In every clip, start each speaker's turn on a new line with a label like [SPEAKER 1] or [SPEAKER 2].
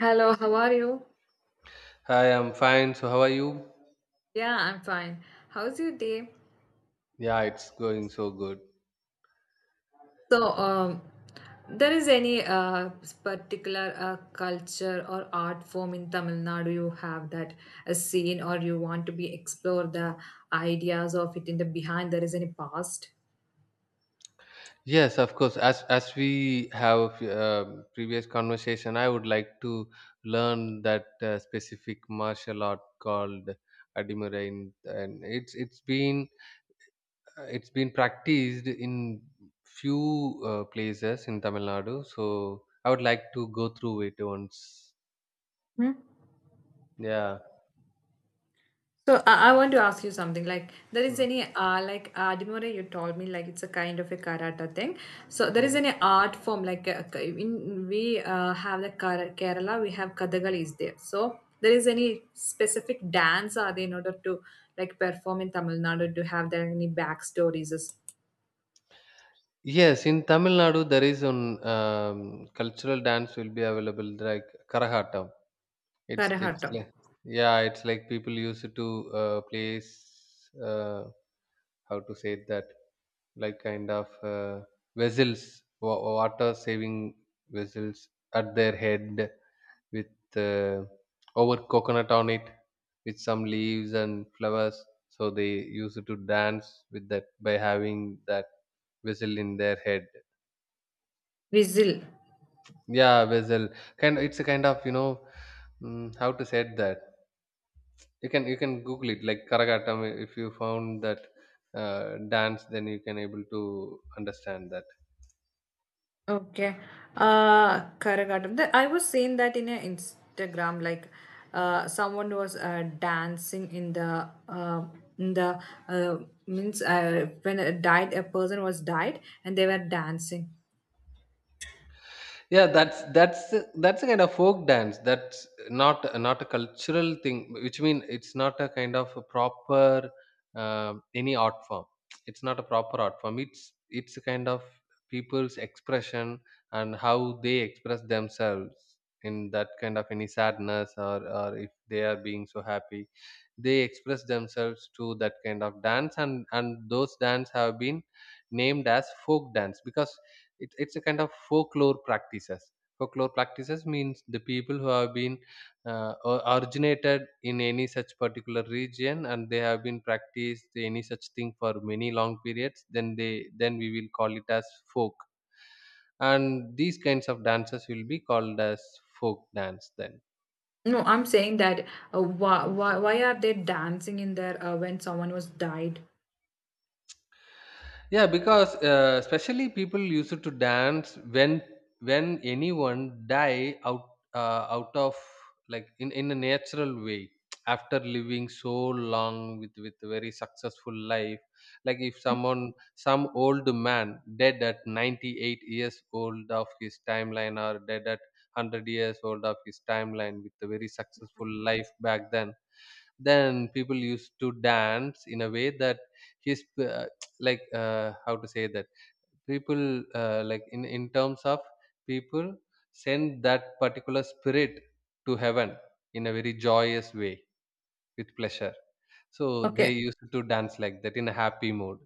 [SPEAKER 1] Hello, how are you?
[SPEAKER 2] Hi, I'm fine. So, how are you?
[SPEAKER 1] Yeah, I'm fine. How's your day?
[SPEAKER 2] Yeah, it's going so good.
[SPEAKER 1] So, there is any particular culture or art form in Tamil Nadu you have that a scene or you want to be explore the ideas of it in the behind there is any past?
[SPEAKER 2] Yes, of course. As we have a previous conversation, I would like to learn that specific martial art called Adimurain, and it's been it's been practiced in few places in Tamil Nadu. So, I would like to go through it once. Yeah.
[SPEAKER 1] So I want to ask you something. Like there is
[SPEAKER 2] Mm,
[SPEAKER 1] any like Adimore you told me like it's a kind of a karate thing. So there is
[SPEAKER 2] mm.
[SPEAKER 1] any art form like in we have the Kerala we have Kathakali is there. So there is any specific dance are they in order to like perform in Tamil Nadu to have there any backstories is
[SPEAKER 2] Yes, in Tamil Nadu there is an cultural dance will be available like Karahattam. It's
[SPEAKER 1] Karahattam,
[SPEAKER 2] like yeah, it's like people used to place how to say that, like kind of vessels, water saving vessels at their head with uh, over coconut on it with some leaves and flowers. So they used to dance with that by having that vessel in their head.
[SPEAKER 1] Vizil.
[SPEAKER 2] Yeah, bezel. Kind it's a kind of, you know, how to say that. You can Google it like Karagatam. If you found that dance, then you can able to understand that.
[SPEAKER 1] Okay. Karagatam. I was seeing that in a Instagram, like someone was dancing in the in the uh, means when a died a person was died and they were dancing.
[SPEAKER 2] Yeah, that's a kind of folk dance. That's not a cultural thing, which mean it's not a kind of a proper any art form. It's not a proper art form. It's a kind of people's expression and how they express themselves in that kind of any sadness or if they are being so happy, they express themselves to that kind of dance. And those dance have been named as folk dance because it's a kind of folklore practices. Folklore practices means the people who have been originated in any such particular region and they have been practiced any such thing for many long periods, then they then we will call it as folk, and these kinds of dances will be called as folk dance then.
[SPEAKER 1] No, I'm saying that why are they dancing in there when someone was died?
[SPEAKER 2] Yeah, because especially people used to dance when anyone die out out of, like, in a natural way, after living so long with a very successful life. Like if someone some old man dead at 98 years old of his timeline or dead at 100 years old of his timeline with a very successful life back then people used to dance in a way that his like how to say that, people like in terms of people send that particular spirit to heaven in a very joyous way with pleasure. So they
[SPEAKER 1] Okay.
[SPEAKER 2] used to dance like that in a happy mood.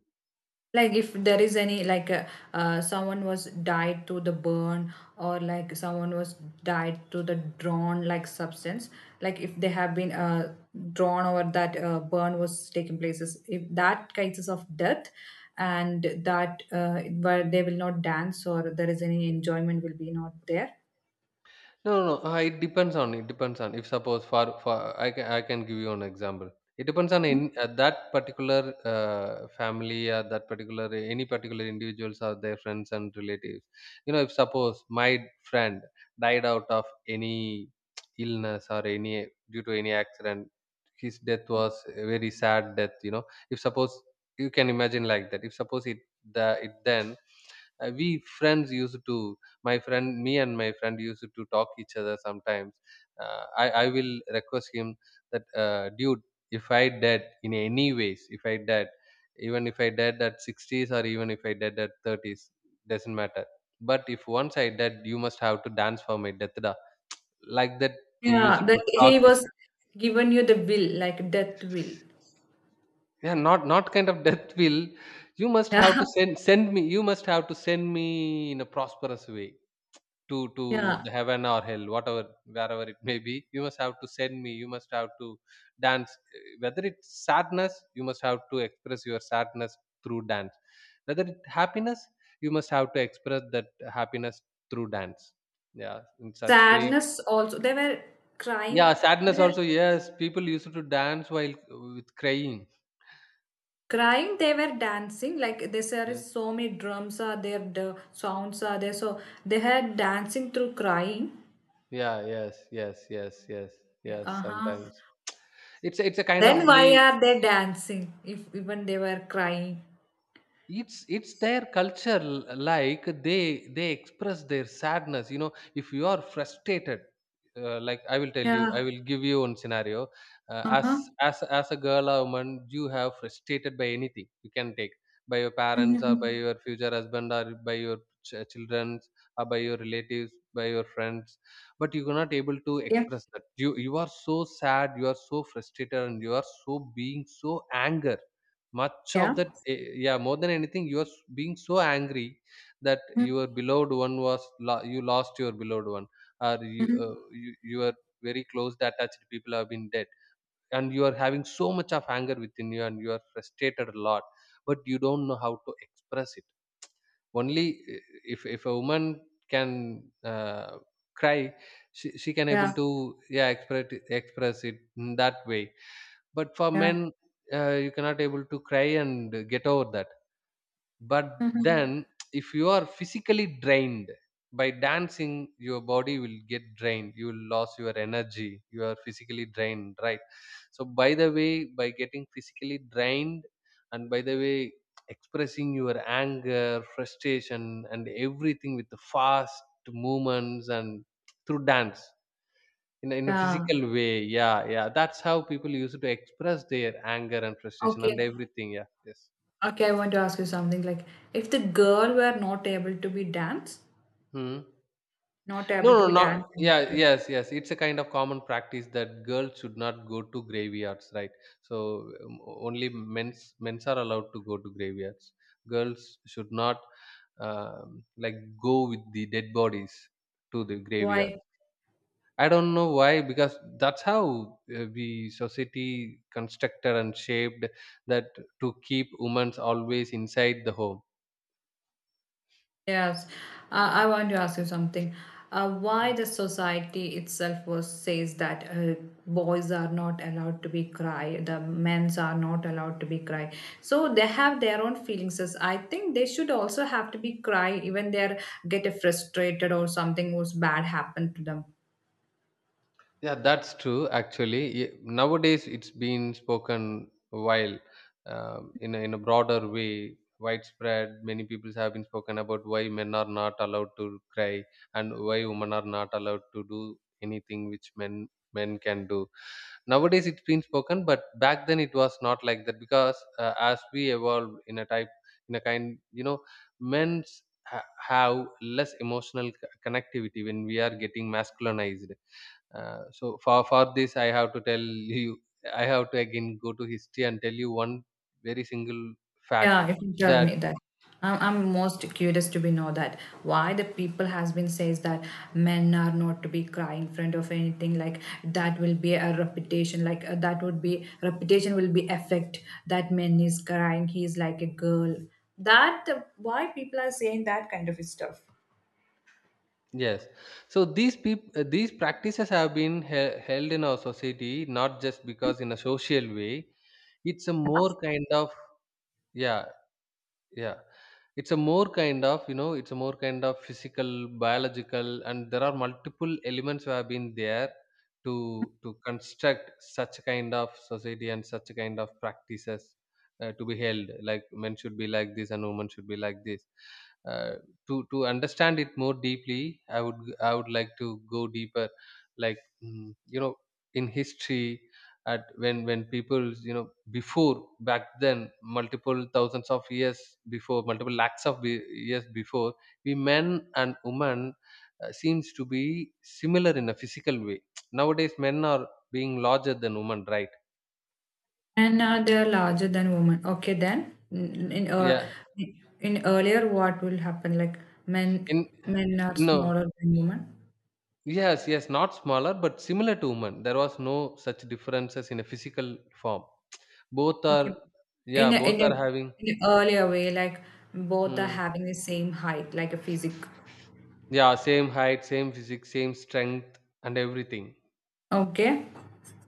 [SPEAKER 1] Like if there is any like someone was died to the burn or like someone was died to the drawn like substance like if they have been drawn or that burn was taking places if that cases of death and that where they will not dance or there is any enjoyment will be not there.
[SPEAKER 2] No, no, no. It depends on, it depends on, if suppose for I can give you an example. It depends on in that particular family or that particular any particular individuals or their friends and relatives. You know, if suppose my friend died out of any illness or any due to any accident, his death was a very sad death. You know, if suppose you can imagine like that. If suppose it the it then we friends used to my friend me and my friend used to talk each other sometimes. I will request him that dude, if I dead in any ways, if I dead, even if I dead at 60s or even if I dead at 30s, doesn't matter. But if once I dead, you must have to dance for my death da. Like that we used
[SPEAKER 1] Yeah,
[SPEAKER 2] to
[SPEAKER 1] that he
[SPEAKER 2] talk
[SPEAKER 1] was
[SPEAKER 2] each-
[SPEAKER 1] given you the will like death will.
[SPEAKER 2] yeah, not not kind of death will, you must have
[SPEAKER 1] Yeah.
[SPEAKER 2] to send me you must have to send me in a prosperous way to
[SPEAKER 1] Yeah.
[SPEAKER 2] the heaven or hell, whatever, wherever it may be. You must have to send me, you must have to dance. Whether it's sadness, you must have to express your sadness through dance, whether it happiness, you must have to express that happiness through dance. Yeah, in such way.
[SPEAKER 1] Sadness also they were
[SPEAKER 2] Yeah,
[SPEAKER 1] crying. They
[SPEAKER 2] sadness
[SPEAKER 1] were
[SPEAKER 2] also. Yes, people used to dance while with crying.
[SPEAKER 1] crying they were dancing like this there is
[SPEAKER 2] Yeah
[SPEAKER 1] so many drums are there the sounds are there so they had dancing through crying.
[SPEAKER 2] yeah, yes, yes, yes, yes, yes,
[SPEAKER 1] Uh-huh.
[SPEAKER 2] sometimes. It's a kind
[SPEAKER 1] Then
[SPEAKER 2] of
[SPEAKER 1] why
[SPEAKER 2] day.
[SPEAKER 1] are they dancing if even they were crying?
[SPEAKER 2] It's their culture. Like they express their sadness. You know, if you are frustrated, like I will tell you, I
[SPEAKER 1] Yeah.
[SPEAKER 2] will give you one scenario. As
[SPEAKER 1] Uh-huh.
[SPEAKER 2] as a girl or woman, you have frustrated by anything you can take, by your parents or by
[SPEAKER 1] Mhm.
[SPEAKER 2] your future husband or by your children or by your relatives by your friends, but you're not able to
[SPEAKER 1] Yeah,
[SPEAKER 2] express that you are so sad, you are so frustrated and you are so being so anger much of
[SPEAKER 1] yeah.
[SPEAKER 2] that, yeah, more than anything, you are being so angry, that
[SPEAKER 1] Mhm.
[SPEAKER 2] your beloved one was you lost your beloved one, or you,
[SPEAKER 1] Mhm.
[SPEAKER 2] you your very close attached people have been dead, and you are having so much of anger within you, and you are frustrated a lot, but you don't know how to express it. Only eh, if a woman can uh, cry, she can able
[SPEAKER 1] Yeah,
[SPEAKER 2] to yeah express it in that way. But for
[SPEAKER 1] yeah.
[SPEAKER 2] men, you cannot able to cry and get over that. But
[SPEAKER 1] Mhm.
[SPEAKER 2] then, if you are physically drained by dancing, your body will get drained, you will lose your energy, you are physically drained, right? So by the way, by getting physically drained, and by the way expressing your anger, frustration, and everything with the fast movements and through dance, in a
[SPEAKER 1] Yeah.
[SPEAKER 2] physical way. Yeah, yeah, that's how people used to express their anger and frustration and
[SPEAKER 1] Okay.
[SPEAKER 2] everything. Yeah, yes.
[SPEAKER 1] Okay, I want to ask you something like if the girl were not able to be dance
[SPEAKER 2] Hmm.
[SPEAKER 1] not
[SPEAKER 2] No,
[SPEAKER 1] able to
[SPEAKER 2] no,
[SPEAKER 1] be
[SPEAKER 2] not
[SPEAKER 1] dancing
[SPEAKER 2] yeah, yes, yes, it's a kind of common practice that girls should not go to graveyards, right? So um, only men's are allowed to go to graveyards. Girls should not, like, go with the dead bodies to the graveyard.
[SPEAKER 1] why.
[SPEAKER 2] I don't know why, because that's how the society constructed and shaped that to keep women always inside the home.
[SPEAKER 1] Yes, I want to ask you something. Why the society itself was says that boys are not allowed to be cry, the men's are not allowed to be cry. So they have their own feelings. As I think they should also have to be cry even they are get frustrated or something was bad happened to them.
[SPEAKER 2] Yeah, that's true. Actually, nowadays it's been spoken, while in a broader way, widespread. Many people have been spoken about why men are not allowed to cry and why women are not allowed to do anything which men can do. Nowadays it's been spoken, but back then it was not like that because, as we evolved in a type, in a kind, you know, men have less emotional connectivity when we are getting masculinized. So for this I have to tell you, I have to again go to history and tell you one very single fact.
[SPEAKER 1] Yeah, if you tell
[SPEAKER 2] That
[SPEAKER 1] me that. I'm most curious to be know that why the people has been says that men are not to be cry in front of anything like that will be a reputation like that would be reputation will be affect that men is crying he's like a girl that why people are saying that kind of stuff.
[SPEAKER 2] yes. So these people, these practices have been held in our society, not just because in a social way. It's a more kind of, yeah. Yeah, it's a more kind of, you know, it's a more kind of physical, biological, and there are multiple elements who have been there to construct such kind of society and such kind of practices to be held. Like men should be like this and women should be like this. Uh, to understand it more deeply, I would like to go deeper, like, you know, in history, at when people, you know, before, back then, multiple thousands of years before, multiple lakhs of years before, we men and women seems to be similar in a physical way. Nowadays men are being larger than women, right?
[SPEAKER 1] And they are larger than women okay then
[SPEAKER 2] Yeah,
[SPEAKER 1] in earlier what will happen like men
[SPEAKER 2] in
[SPEAKER 1] men are smaller
[SPEAKER 2] no,
[SPEAKER 1] than women.
[SPEAKER 2] yes, yes, not smaller but similar to women. There was no such differences in a physical form. Both are
[SPEAKER 1] Okay.
[SPEAKER 2] yeah,
[SPEAKER 1] In a, in
[SPEAKER 2] both
[SPEAKER 1] a,
[SPEAKER 2] are having,
[SPEAKER 1] in a earlier way, like both are
[SPEAKER 2] hmm,
[SPEAKER 1] having the same height, like a physic.
[SPEAKER 2] yeah, same height, same physique, same strength and everything.
[SPEAKER 1] Okay.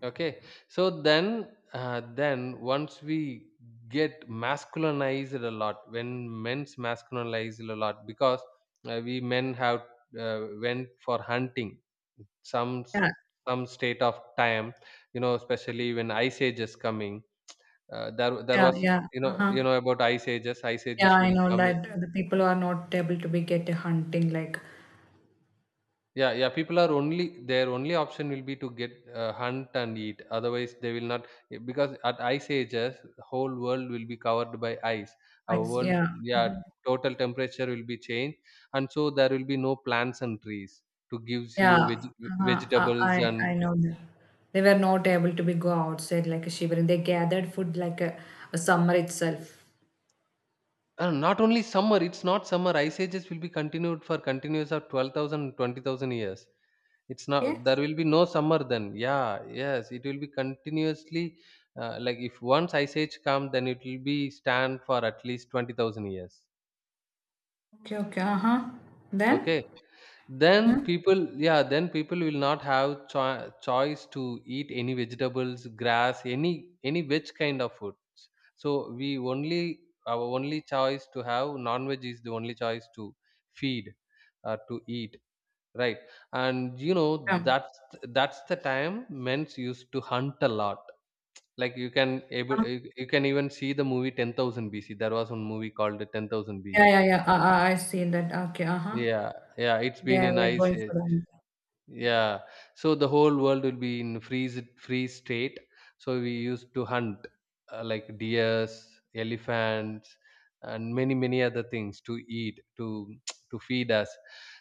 [SPEAKER 2] Okay, so then once we get masculinized a lot, when men's masculinized a lot, because, we men have went for hunting some
[SPEAKER 1] Yeah.
[SPEAKER 2] some state of time, you know, especially when ice age is coming. There there
[SPEAKER 1] Yeah.
[SPEAKER 2] was,
[SPEAKER 1] Yeah.
[SPEAKER 2] you know, you
[SPEAKER 1] Uh-huh.
[SPEAKER 2] know about ice ages. Ice
[SPEAKER 1] Yeah.
[SPEAKER 2] ages
[SPEAKER 1] I
[SPEAKER 2] will
[SPEAKER 1] know
[SPEAKER 2] come.
[SPEAKER 1] that the people who are not able to be get a hunting, like.
[SPEAKER 2] Yeah, yeah, people are only their only option will be to get hunt and eat. Otherwise, they will not, because at ice ages, whole world will be covered by ice. Our world,
[SPEAKER 1] Yeah.
[SPEAKER 2] yeah,
[SPEAKER 1] Mhm.
[SPEAKER 2] total temperature will be changed, and so there will be no plants and trees to gives
[SPEAKER 1] Yeah.
[SPEAKER 2] you
[SPEAKER 1] Uh-huh. I,
[SPEAKER 2] vegetables
[SPEAKER 1] I.
[SPEAKER 2] and
[SPEAKER 1] I know that they were not able to be go outside like a shivering. They gathered food like a summer itself.
[SPEAKER 2] Not only summer, it's not summer. Ice ages will be continued for continuous of 12,000, 20,000 years. It's
[SPEAKER 1] Yeah.
[SPEAKER 2] not, there will be no summer then. Yeah, yes, it will be continuously, like, if once ice age come, then it will be stand for at least 20,000 years.
[SPEAKER 1] Okay. Okay. Uh huh. Then.
[SPEAKER 2] Okay. Then
[SPEAKER 1] Mhm.
[SPEAKER 2] people, yeah, then people will not have choice to eat any vegetables, grass, any veg kind of foods. So we only our only choice to have non veg is the only choice to feed or to eat, right? and you know
[SPEAKER 1] Yeah.
[SPEAKER 2] that's the time men used to hunt a lot. Like you can able,
[SPEAKER 1] Uh,
[SPEAKER 2] you can even see the movie 10,000 bc. There was one movie called 10,000 bc.
[SPEAKER 1] Yeah. Yeah. Yeah. I seen that. Okay. Uh huh.
[SPEAKER 2] Yeah, yeah, it's been
[SPEAKER 1] They
[SPEAKER 2] in
[SPEAKER 1] were
[SPEAKER 2] ice
[SPEAKER 1] going
[SPEAKER 2] age.
[SPEAKER 1] for the.
[SPEAKER 2] Yeah, so the whole world will be in freeze free state. So we used to hunt like deers, elephants, and many other things to eat, to to feed us.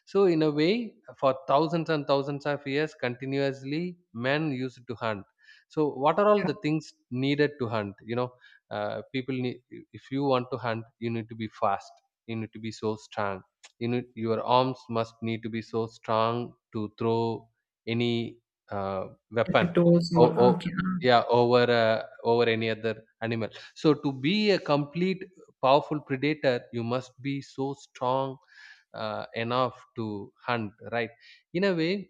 [SPEAKER 2] So in a way, for thousands and thousands of years, continuously men used to hunt. So what are all
[SPEAKER 1] Yeah,
[SPEAKER 2] the things needed to hunt? People need, if you want to hunt, you need to be fast. You need to be so strong. You know, your arms must need to be so strong to throw any
[SPEAKER 1] if
[SPEAKER 2] weapon
[SPEAKER 1] it was all
[SPEAKER 2] oh, oh
[SPEAKER 1] okay.
[SPEAKER 2] yeah, over over any other animal. So to be a complete powerful predator, you must be so strong enough to hunt, right? In a way,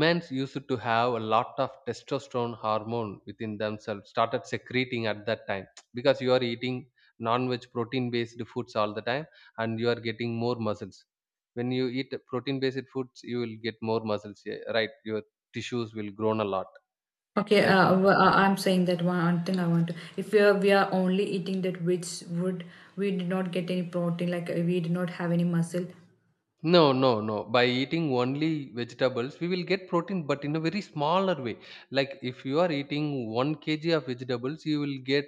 [SPEAKER 2] men's used to have a lot of testosterone hormone within themselves, started secreting at that time, because you are eating non-veg protein based foods all the time, and you are getting more muscles. When you eat protein based foods, you will get more muscles, yeah, right, your tissues will grow a lot,
[SPEAKER 1] Okay,
[SPEAKER 2] right.
[SPEAKER 1] I'm saying that one thing I want to. If we are only eating that which would we did not get any protein, like we did not have any muscle.
[SPEAKER 2] No, no, no. By eating only vegetables, we will get protein, but in a very smaller way. Like if you are eating 1 kg of vegetables, you will get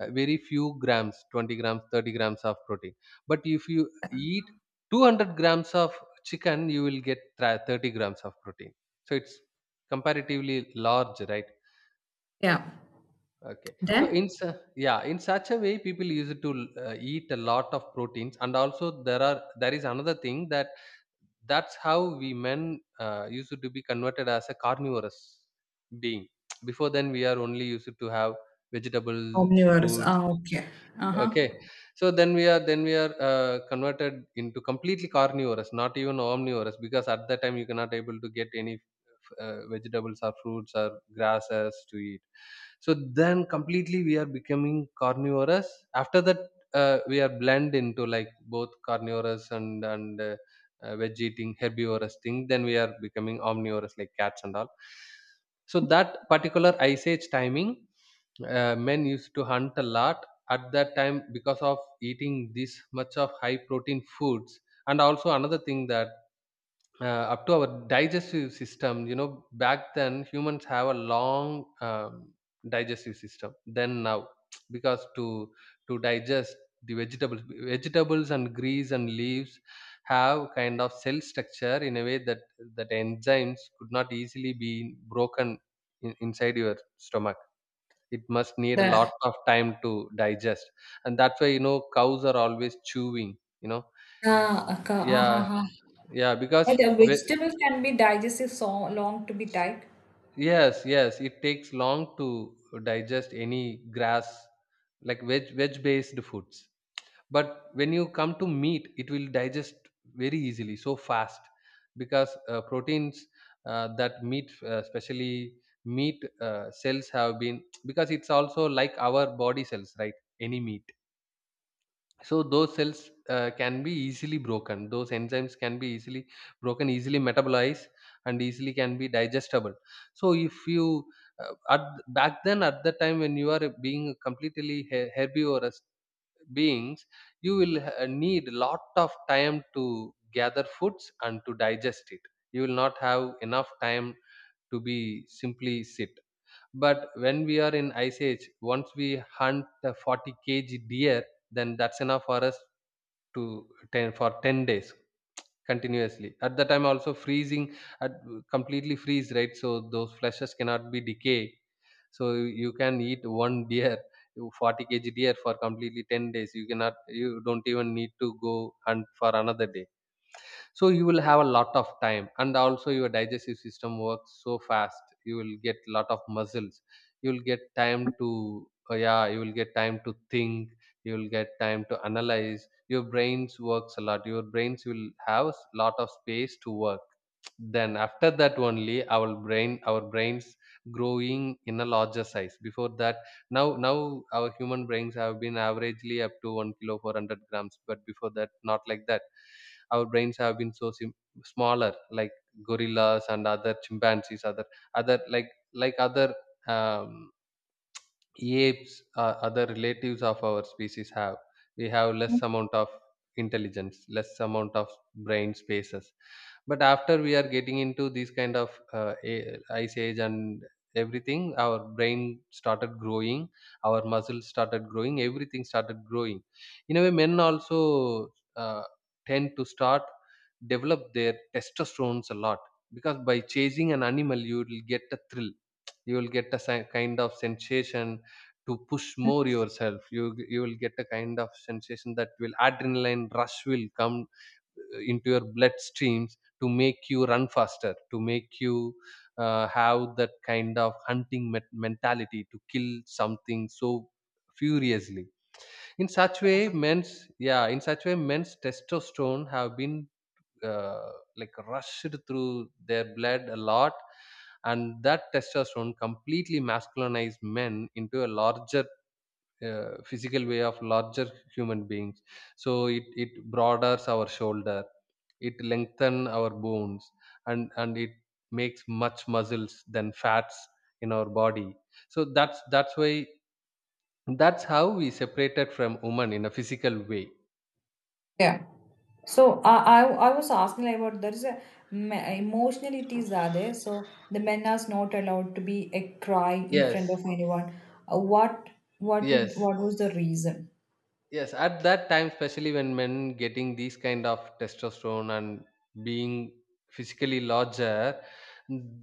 [SPEAKER 2] very few grams, 20 grams, 30 grams of protein. But if you eat 200 grams of chicken, you will get 30 grams of protein. So it's comparatively large, right?
[SPEAKER 1] Yeah,
[SPEAKER 2] Okay. So in
[SPEAKER 1] then
[SPEAKER 2] su- yeah, in such a way, people use it to eat a lot of proteins, and also there is another thing, that that's how we men used to be converted as a carnivorous being. Before then, we are only used to have vegetables,
[SPEAKER 1] omnivorous.
[SPEAKER 2] fruit.
[SPEAKER 1] Ah, okay. Uh huh.
[SPEAKER 2] Okay. So then we are converted into completely carnivorous, not even omnivorous, because at that time you cannot able to get any vegetables or fruits or grasses to eat. So then completely we are becoming carnivorous. After that, we are blend into like both carnivorous and veg eating herbivorous thing. Then we are becoming omnivorous like cats and all. So that particular ice age timing, men used to hunt a lot at that time because of eating this much of high protein foods, and also another thing that uh, up to our digestive system. You know, back then humans have a long digestive system than now because to digest the vegetables, vegetables and greens and leaves have kind of cell structure in a way that that enzymes could not easily be broken inside your stomach. It must need a lot
[SPEAKER 1] The
[SPEAKER 2] of time to digest, and that's why, you know, cows are always chewing, you know.
[SPEAKER 1] Ah, okay. Uh
[SPEAKER 2] Yeah,
[SPEAKER 1] huh.
[SPEAKER 2] yeah,
[SPEAKER 1] But vegetables can be digested so long to be tight.
[SPEAKER 2] yes, yes, it takes long to digest any grass, like veg based foods. But when you come to meat, it will digest very easily, so fast, because proteins, that meat, especially meat cells have been, because it's also like our body cells, right, any meat. So those cells can be easily broken, those enzymes can be easily broken, easily metabolized, and easily can be digestible. So if you at back then, at the time when you are being completely herbivorous beings, you will need lot of time to gather foods and to digest it. You will not have enough time to be simply sit. But when we are in ice age, once we hunt a 40 kg deer, then that's enough for us to 10 days continuously. At the time also freezing, at completely freeze, right? So those fleshes cannot be decay. So you can eat one deer, 40 kg deer, for completely 10 days. You cannot, you don't even need to go hunt for another day. So you will have a lot of time, and also your digestive system works so fast, you will get lot of muscles. You will get time to yeah, you will get time to think, you will get time to analyze. Your brains works a lot, your brains will have lot of space to work. Then after that only our brains growing in a larger size. Before that, now our human brains have been averagely up to 1 kilo 400 grams, but before that not like that. Our brains have been so smaller, like gorillas and other chimpanzees, other other like other um, apes or other relatives of our species have. We have less amount of intelligence, less amount of brain spaces. But after we are getting into these kind of ice age and everything, our brain started growing, our muscles started growing, everything started growing. In a way men also uh, tend to start develop their testosterones a lot, because by chasing an animal you will get a thrill, you will get a kind of sensation to push more yourself. You will get a kind of sensation that will adrenaline rush will come into your bloodstreams to make you run faster, to make you have that kind of hunting mentality to kill something so furiously. In such way men's, yeah, in such way men's testosterone have been uh, like rushed through their blood a lot, and that testosterone completely masculinized men into a larger physical way of larger human beings. So it broadens our shoulder, it lengthen our bones, and it makes much muscles than fats in our body. So that's why, that's how we separated from woman in a physical way.
[SPEAKER 1] Yeah. So I was asking like about there is a emotional it are there. So the men are not allowed to be a crying in
[SPEAKER 2] Yes,
[SPEAKER 1] front of anyone. Uh, what what with
[SPEAKER 2] yes.
[SPEAKER 1] what was the reason?
[SPEAKER 2] Yes, at that time, especially when men getting these kind of testosterone and being physically larger,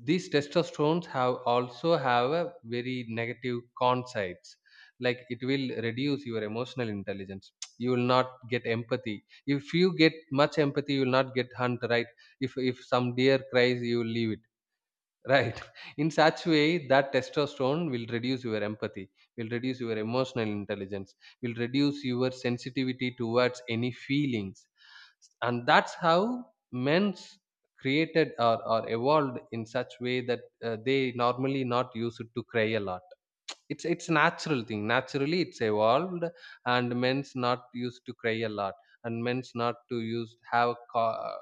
[SPEAKER 2] these testosterones have also have a very negative con sides. Like it will reduce your emotional intelligence. You will not get empathy. If you get much empathy, you will not get hunt, right. If some deer cries, you will leave it, right. In such way that testosterone will reduce your empathy, will reduce your emotional intelligence, will reduce your sensitivity towards any feelings. And that's how men's created, or evolved in such way that they normally not used to cry a lot. It's natural thing. Naturally, it's evolved, and men's not used to cry a lot, and men's not to use have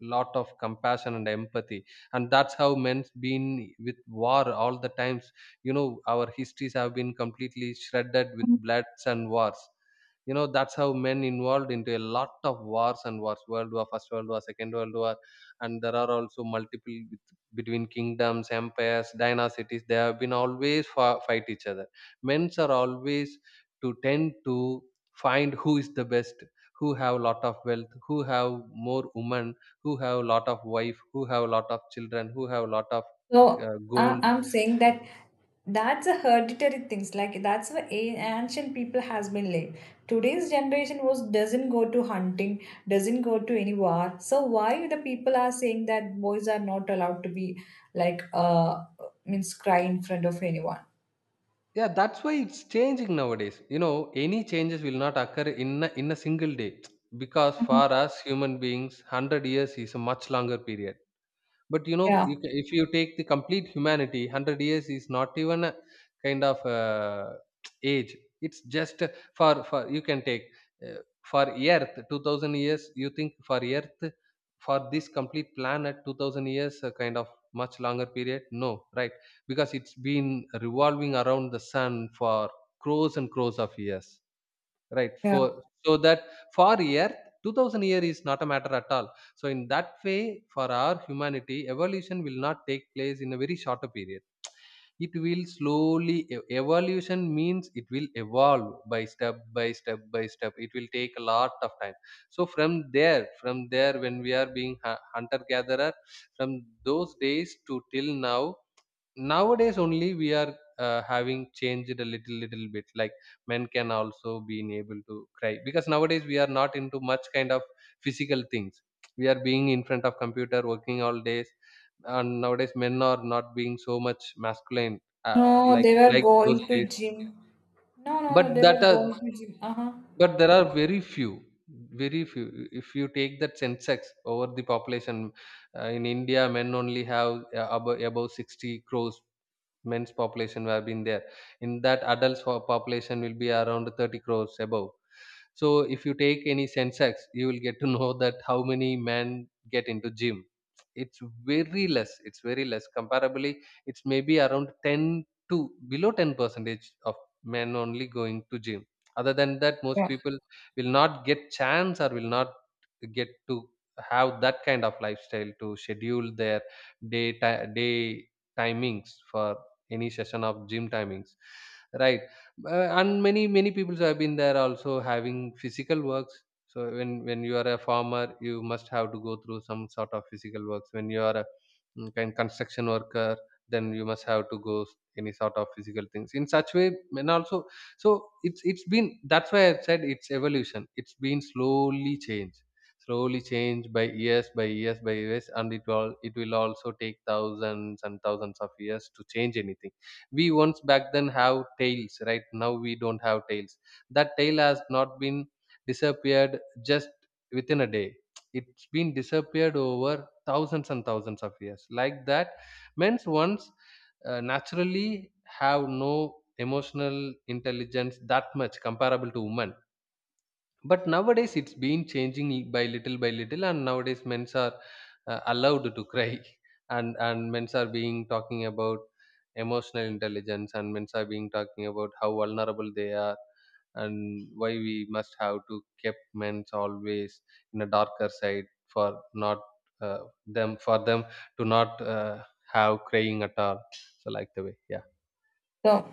[SPEAKER 2] lot of compassion and empathy, and that's how men's been with war all the times. You know, our histories have been completely shredded with bloods and wars. You know, that's how men involved into a lot of wars, and wars, world war first, world war second world war, and there are also multiple between kingdoms, empires, dynasties. They have been always fight each other. Men's are always to tend to find who is the best, who have lot of wealth, who have more women, who have lot of wife, who have lot of children, who have lot of
[SPEAKER 1] So
[SPEAKER 2] gold.
[SPEAKER 1] I'm saying that that's a hereditary things like that's why ancient people has been late. Today's generation was doesn't go to hunting, doesn't go to any war. So why the people are saying that boys are not allowed to be like means cry in front of anyone?
[SPEAKER 2] Yeah, that's why it's changing nowadays. You know, any changes will not occur in a single day, because for
[SPEAKER 1] Mhm.
[SPEAKER 2] us human beings, 100 years is a much longer period. But you know,
[SPEAKER 1] Yeah,
[SPEAKER 2] you ca, if you take the complete humanity, 100 years is not even a kind of age. It's just for you can take uh, for Earth, 2000 years. You think for Earth, for this complete planet, 2000 years, a kind of much longer period? No, right? Because it's been revolving around the sun for crores and crores of years. Right.
[SPEAKER 1] yeah.
[SPEAKER 2] For so that for Earth, 2000 year is not a matter at all. So in that way, for our humanity, evolution will not take place in a very shorter period. It will slowly evolution means it will evolve by step by step by step. It will take a lot of time. So from there, when we are being hunter gatherer, from those days to till now, nowadays only we are having changed a little little bit, like men can also being able to cry because nowadays we are not into much kind of physical things. We are being in front of computer working all days, and nowadays men are not being so much masculine,
[SPEAKER 1] No, they were
[SPEAKER 2] like those
[SPEAKER 1] going
[SPEAKER 2] days.
[SPEAKER 1] to gym. No, no, no.
[SPEAKER 2] but
[SPEAKER 1] They were
[SPEAKER 2] that
[SPEAKER 1] going
[SPEAKER 2] are
[SPEAKER 1] to gym. Uh huh.
[SPEAKER 2] but there are very few, very few. If you take that census over the population, in india men only have above 60 crores. Men's population have been there. In that, adults for population will be around 30 crores above. So if you take any sensex you will get to know that how many men get into gym. It's very less. It's very less comparably. It's maybe around 10 to below 10 percentage of men only going to gym. Other than that, most
[SPEAKER 1] Yeah.
[SPEAKER 2] people will not get chance, or will not get to have that kind of lifestyle to schedule their day timings for any session of gym timings, right? And many many people have been there also having physical works. So when you are a farmer, you must have to go through some sort of physical works. When you are a kind construction worker, then you must have to go any sort of physical things in such way. And also, so it's been, that's why I've said, it's evolution, it's been slowly changed, slowly changed by years by years by years, and it will also take thousands and thousands of years to change anything. We once back then have tails, right now we don't have tails. That tail has not been disappeared just within a day. It's been disappeared over thousands and thousands of years, like that. Men's once naturally have no emotional intelligence that much comparable to women, but nowadays it's been changing by little, and nowadays men's are allowed to cry, and men's are being talking about emotional intelligence, and men's are being talking about how vulnerable they are, and why we must have to keep men's always in a darker side for not, uh, them for them to not have crying at all. So like the way, yeah.
[SPEAKER 1] So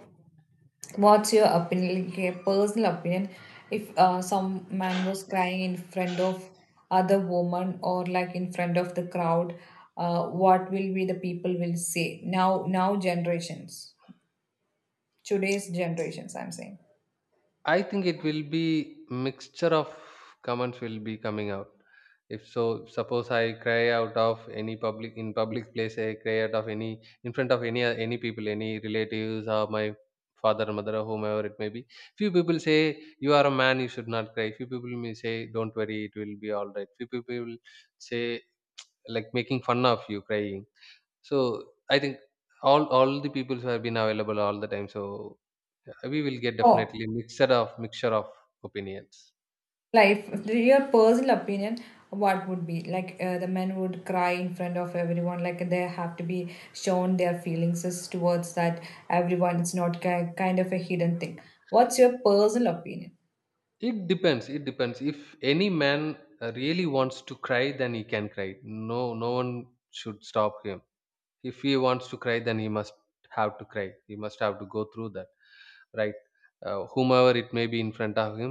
[SPEAKER 1] what's your opinion, like, a personal opinion? If some man was crying in front of other woman or like in front of the crowd, what will be the people will say now? Now generations, today's generations, I'm saying.
[SPEAKER 2] I think it will be mixture of comments will be coming out. If so, suppose I cry out of any public, in public place, I cry out of any in front of any people, any relatives or my father, mother, or whomever it may be. Few people say you are a man, you should not cry. Few people may say don't worry, it will be all right. Few people say like making fun of you crying. So I think all the peoples have been available all the time. So we will get
[SPEAKER 1] Oh,
[SPEAKER 2] definitely mixture of opinions.
[SPEAKER 1] like if your personal opinion, what would be like the men would cry in front of everyone, like they have to be shown their feelings is towards that everyone. It's not kind of a hidden thing. What's your personal opinion?
[SPEAKER 2] It depends. It depends. If any man really wants to cry, then he can cry. No, no one should stop him. If he wants to cry, then he must have to cry. He must have to go through that, right? Whomever it may be in front of him,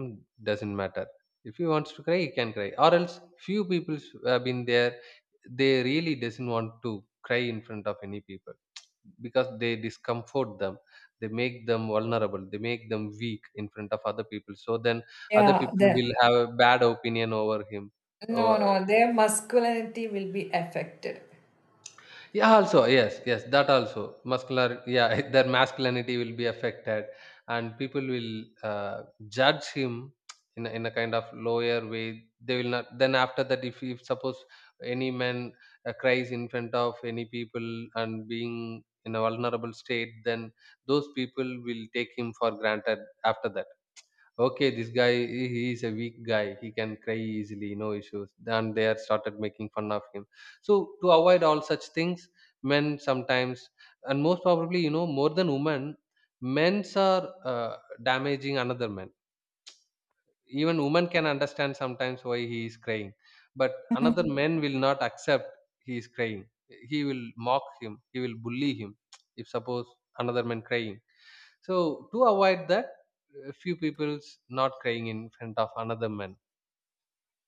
[SPEAKER 2] doesn't matter. If he wants to cry he can cry, or else few people have been there, they really doesn't want to cry in front of any people because they discomfort them, they make them vulnerable, they make them weak in front of other people, so then other
[SPEAKER 1] Yeah,
[SPEAKER 2] people
[SPEAKER 1] the
[SPEAKER 2] will have a bad opinion over him.
[SPEAKER 1] no,
[SPEAKER 2] Or
[SPEAKER 1] no, their masculinity will be affected.
[SPEAKER 2] yeah, also, yes, yes, that also. Muscular, yeah, their masculinity will be affected, and people will judge him in a kind of lower way. They will not. Then after that, if suppose any man cries in front of any people and being in a vulnerable state, then those people will take him for granted after that. Okay, this guy, he is a weak guy, he can cry easily, no issues. And they are started making fun of him. So to avoid all such things, men sometimes, and most probably you know more than women, men's are uh, damaging another man. Even women can understand sometimes why he is crying, but another man will not accept he is crying. He will mock him, he will bully him. If suppose another man crying, so to avoid that, a few people's not crying in front of another man.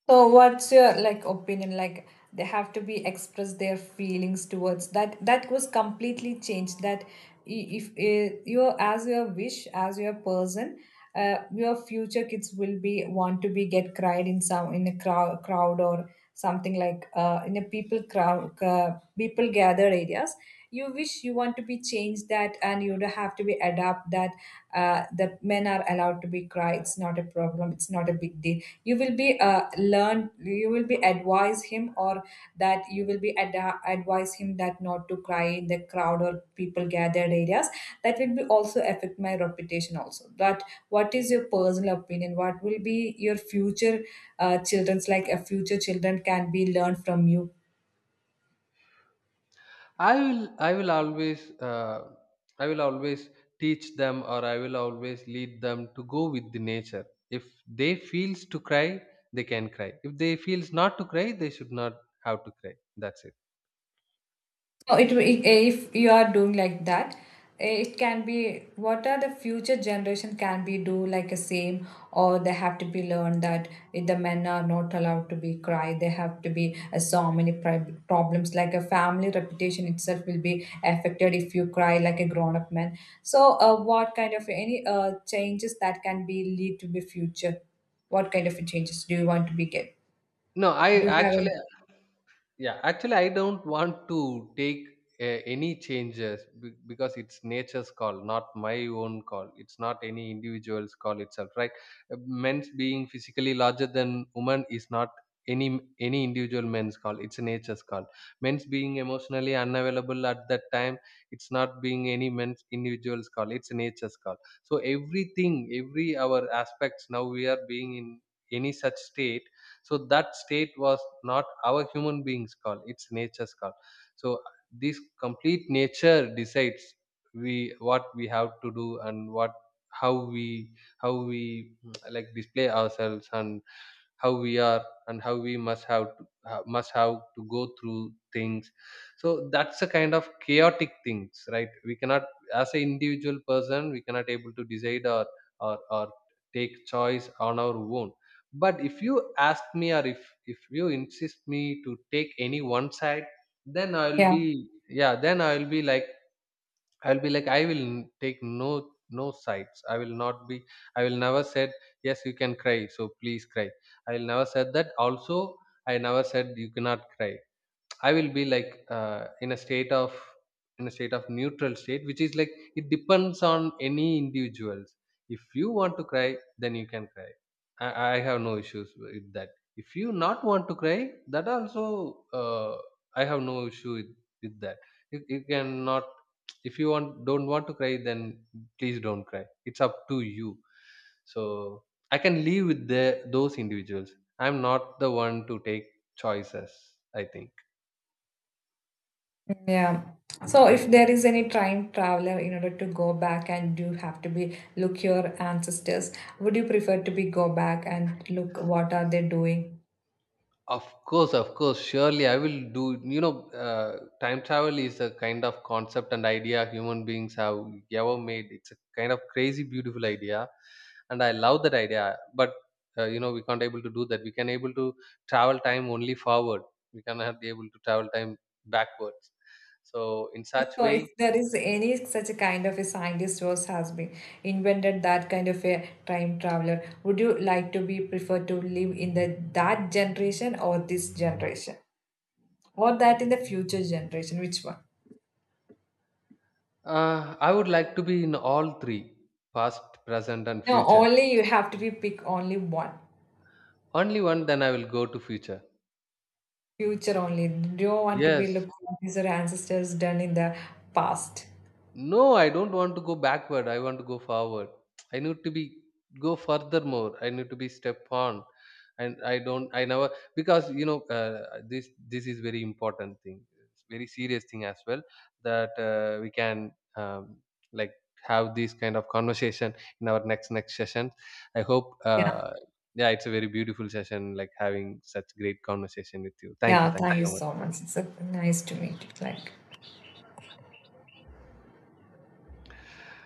[SPEAKER 1] So, what's your like opinion? Like, they have to be express their feelings towards that. That was completely changed. If you, as your wish, as your person, your future kids will be want to be get cried in some in a crowd, or something like in a people crowd, people gathered areas. You wish you want to be changed that, and you have to be adapt that the men are allowed to be cry it's not a problem it's not a big deal you will be learn you will be advise him or that you will be advise him that not to cry in the crowd or people gathered areas that will be also affect my reputation also but what is your personal opinion what will be your future children's like a future children can be learned from you.
[SPEAKER 2] I will always I will always teach them, or I will always lead them to go with the nature. If they feels to cry, they can cry. If they feels not to cry, they should not have to cry. That's it.
[SPEAKER 1] No, it if you are doing like that, it can be what are the future generation can be do like a same or they have to be learned that if the men are not allowed to be cry they have to be so many problems like a family reputation itself will be affected if you cry like a grown up man so what kind of any changes that can be lead to the future what kind of changes do you want to be get.
[SPEAKER 2] No, I
[SPEAKER 1] Do you have
[SPEAKER 2] actually,
[SPEAKER 1] any?
[SPEAKER 2] yeah, actually, I don't want to take uh, any changes because it's nature's call, not my own call. It's not any individual's call itself, right? Men's being physically larger than women is not any any individual men's call. It's nature's call. Men's being emotionally unavailable at that time, it's not being any men's individual's call. It's nature's call. So everything, every our aspects now we are being in any such state, so that state was not our human beings call, it's nature's call. So this complete nature decides we, what we have to do, and what, how we, how we like display ourselves, and how we are, and how we must have to, must have to go through things. So that's a kind of chaotic things, right? We cannot, as an individual person we cannot able to decide, or take choice on our own. But if you ask me, or if you insist me to take any one side, then I'll
[SPEAKER 1] Yeah.
[SPEAKER 2] be, yeah, then I'll be like, I'll be like, I will take no no sides. I will not be. I will never said yes. You can cry, so please cry. I will never said that. Also, I never said you cannot cry. I will be like in a state of, in a state of neutral state, which is like it depends on any individuals. If you want to cry, then you can cry. I have no issues with that. If you not want to cry, that also, uh, I have no issue with that. You cannot, if you want don't want to cry, then please don't cry, it's up to you. So I can live with the, those individuals. I'm not the one to take choices, I think.
[SPEAKER 1] Yeah. So if there is any time traveler in order to go back and you have to be look your ancestors, would you prefer to be go back and look what are they doing?
[SPEAKER 2] Of course, surely I will do. You know, time travel is a kind of concept and idea human beings have ever made. It's a kind of crazy, beautiful idea, and I love that idea. But you know, we can't able to do that. We can able to travel time only forward. We cannot be able to travel time backwards. So, in such
[SPEAKER 1] So
[SPEAKER 2] way,
[SPEAKER 1] if there is any such a kind of a scientist was has been invented that kind of a time traveler, would you like to be prefer to live in the that generation or this generation? Or that in the future generation? Which one?
[SPEAKER 2] I would like to be in all three: past, present, and
[SPEAKER 1] No,
[SPEAKER 2] future.
[SPEAKER 1] only you have to be pick only one.
[SPEAKER 2] Only one, then I will go to future.
[SPEAKER 1] Future only. Don't want to be
[SPEAKER 2] Yes,
[SPEAKER 1] looking at these are ancestors done in the past.
[SPEAKER 2] no, I don't want to go backward. I want to go forward. I need to be go furthermore. I need to be step on, and I don't. I never, because you know this. This is very important thing. It's very serious thing as well that we can like have this kind of conversation in our next session. I hope.
[SPEAKER 1] Yeah.
[SPEAKER 2] Yeah, it's a very beautiful session. Like having such great conversation with you. Thank you.
[SPEAKER 1] Yeah,
[SPEAKER 2] Thank you
[SPEAKER 1] thank you
[SPEAKER 2] so much.
[SPEAKER 1] so much. It's a nice to meet you. Like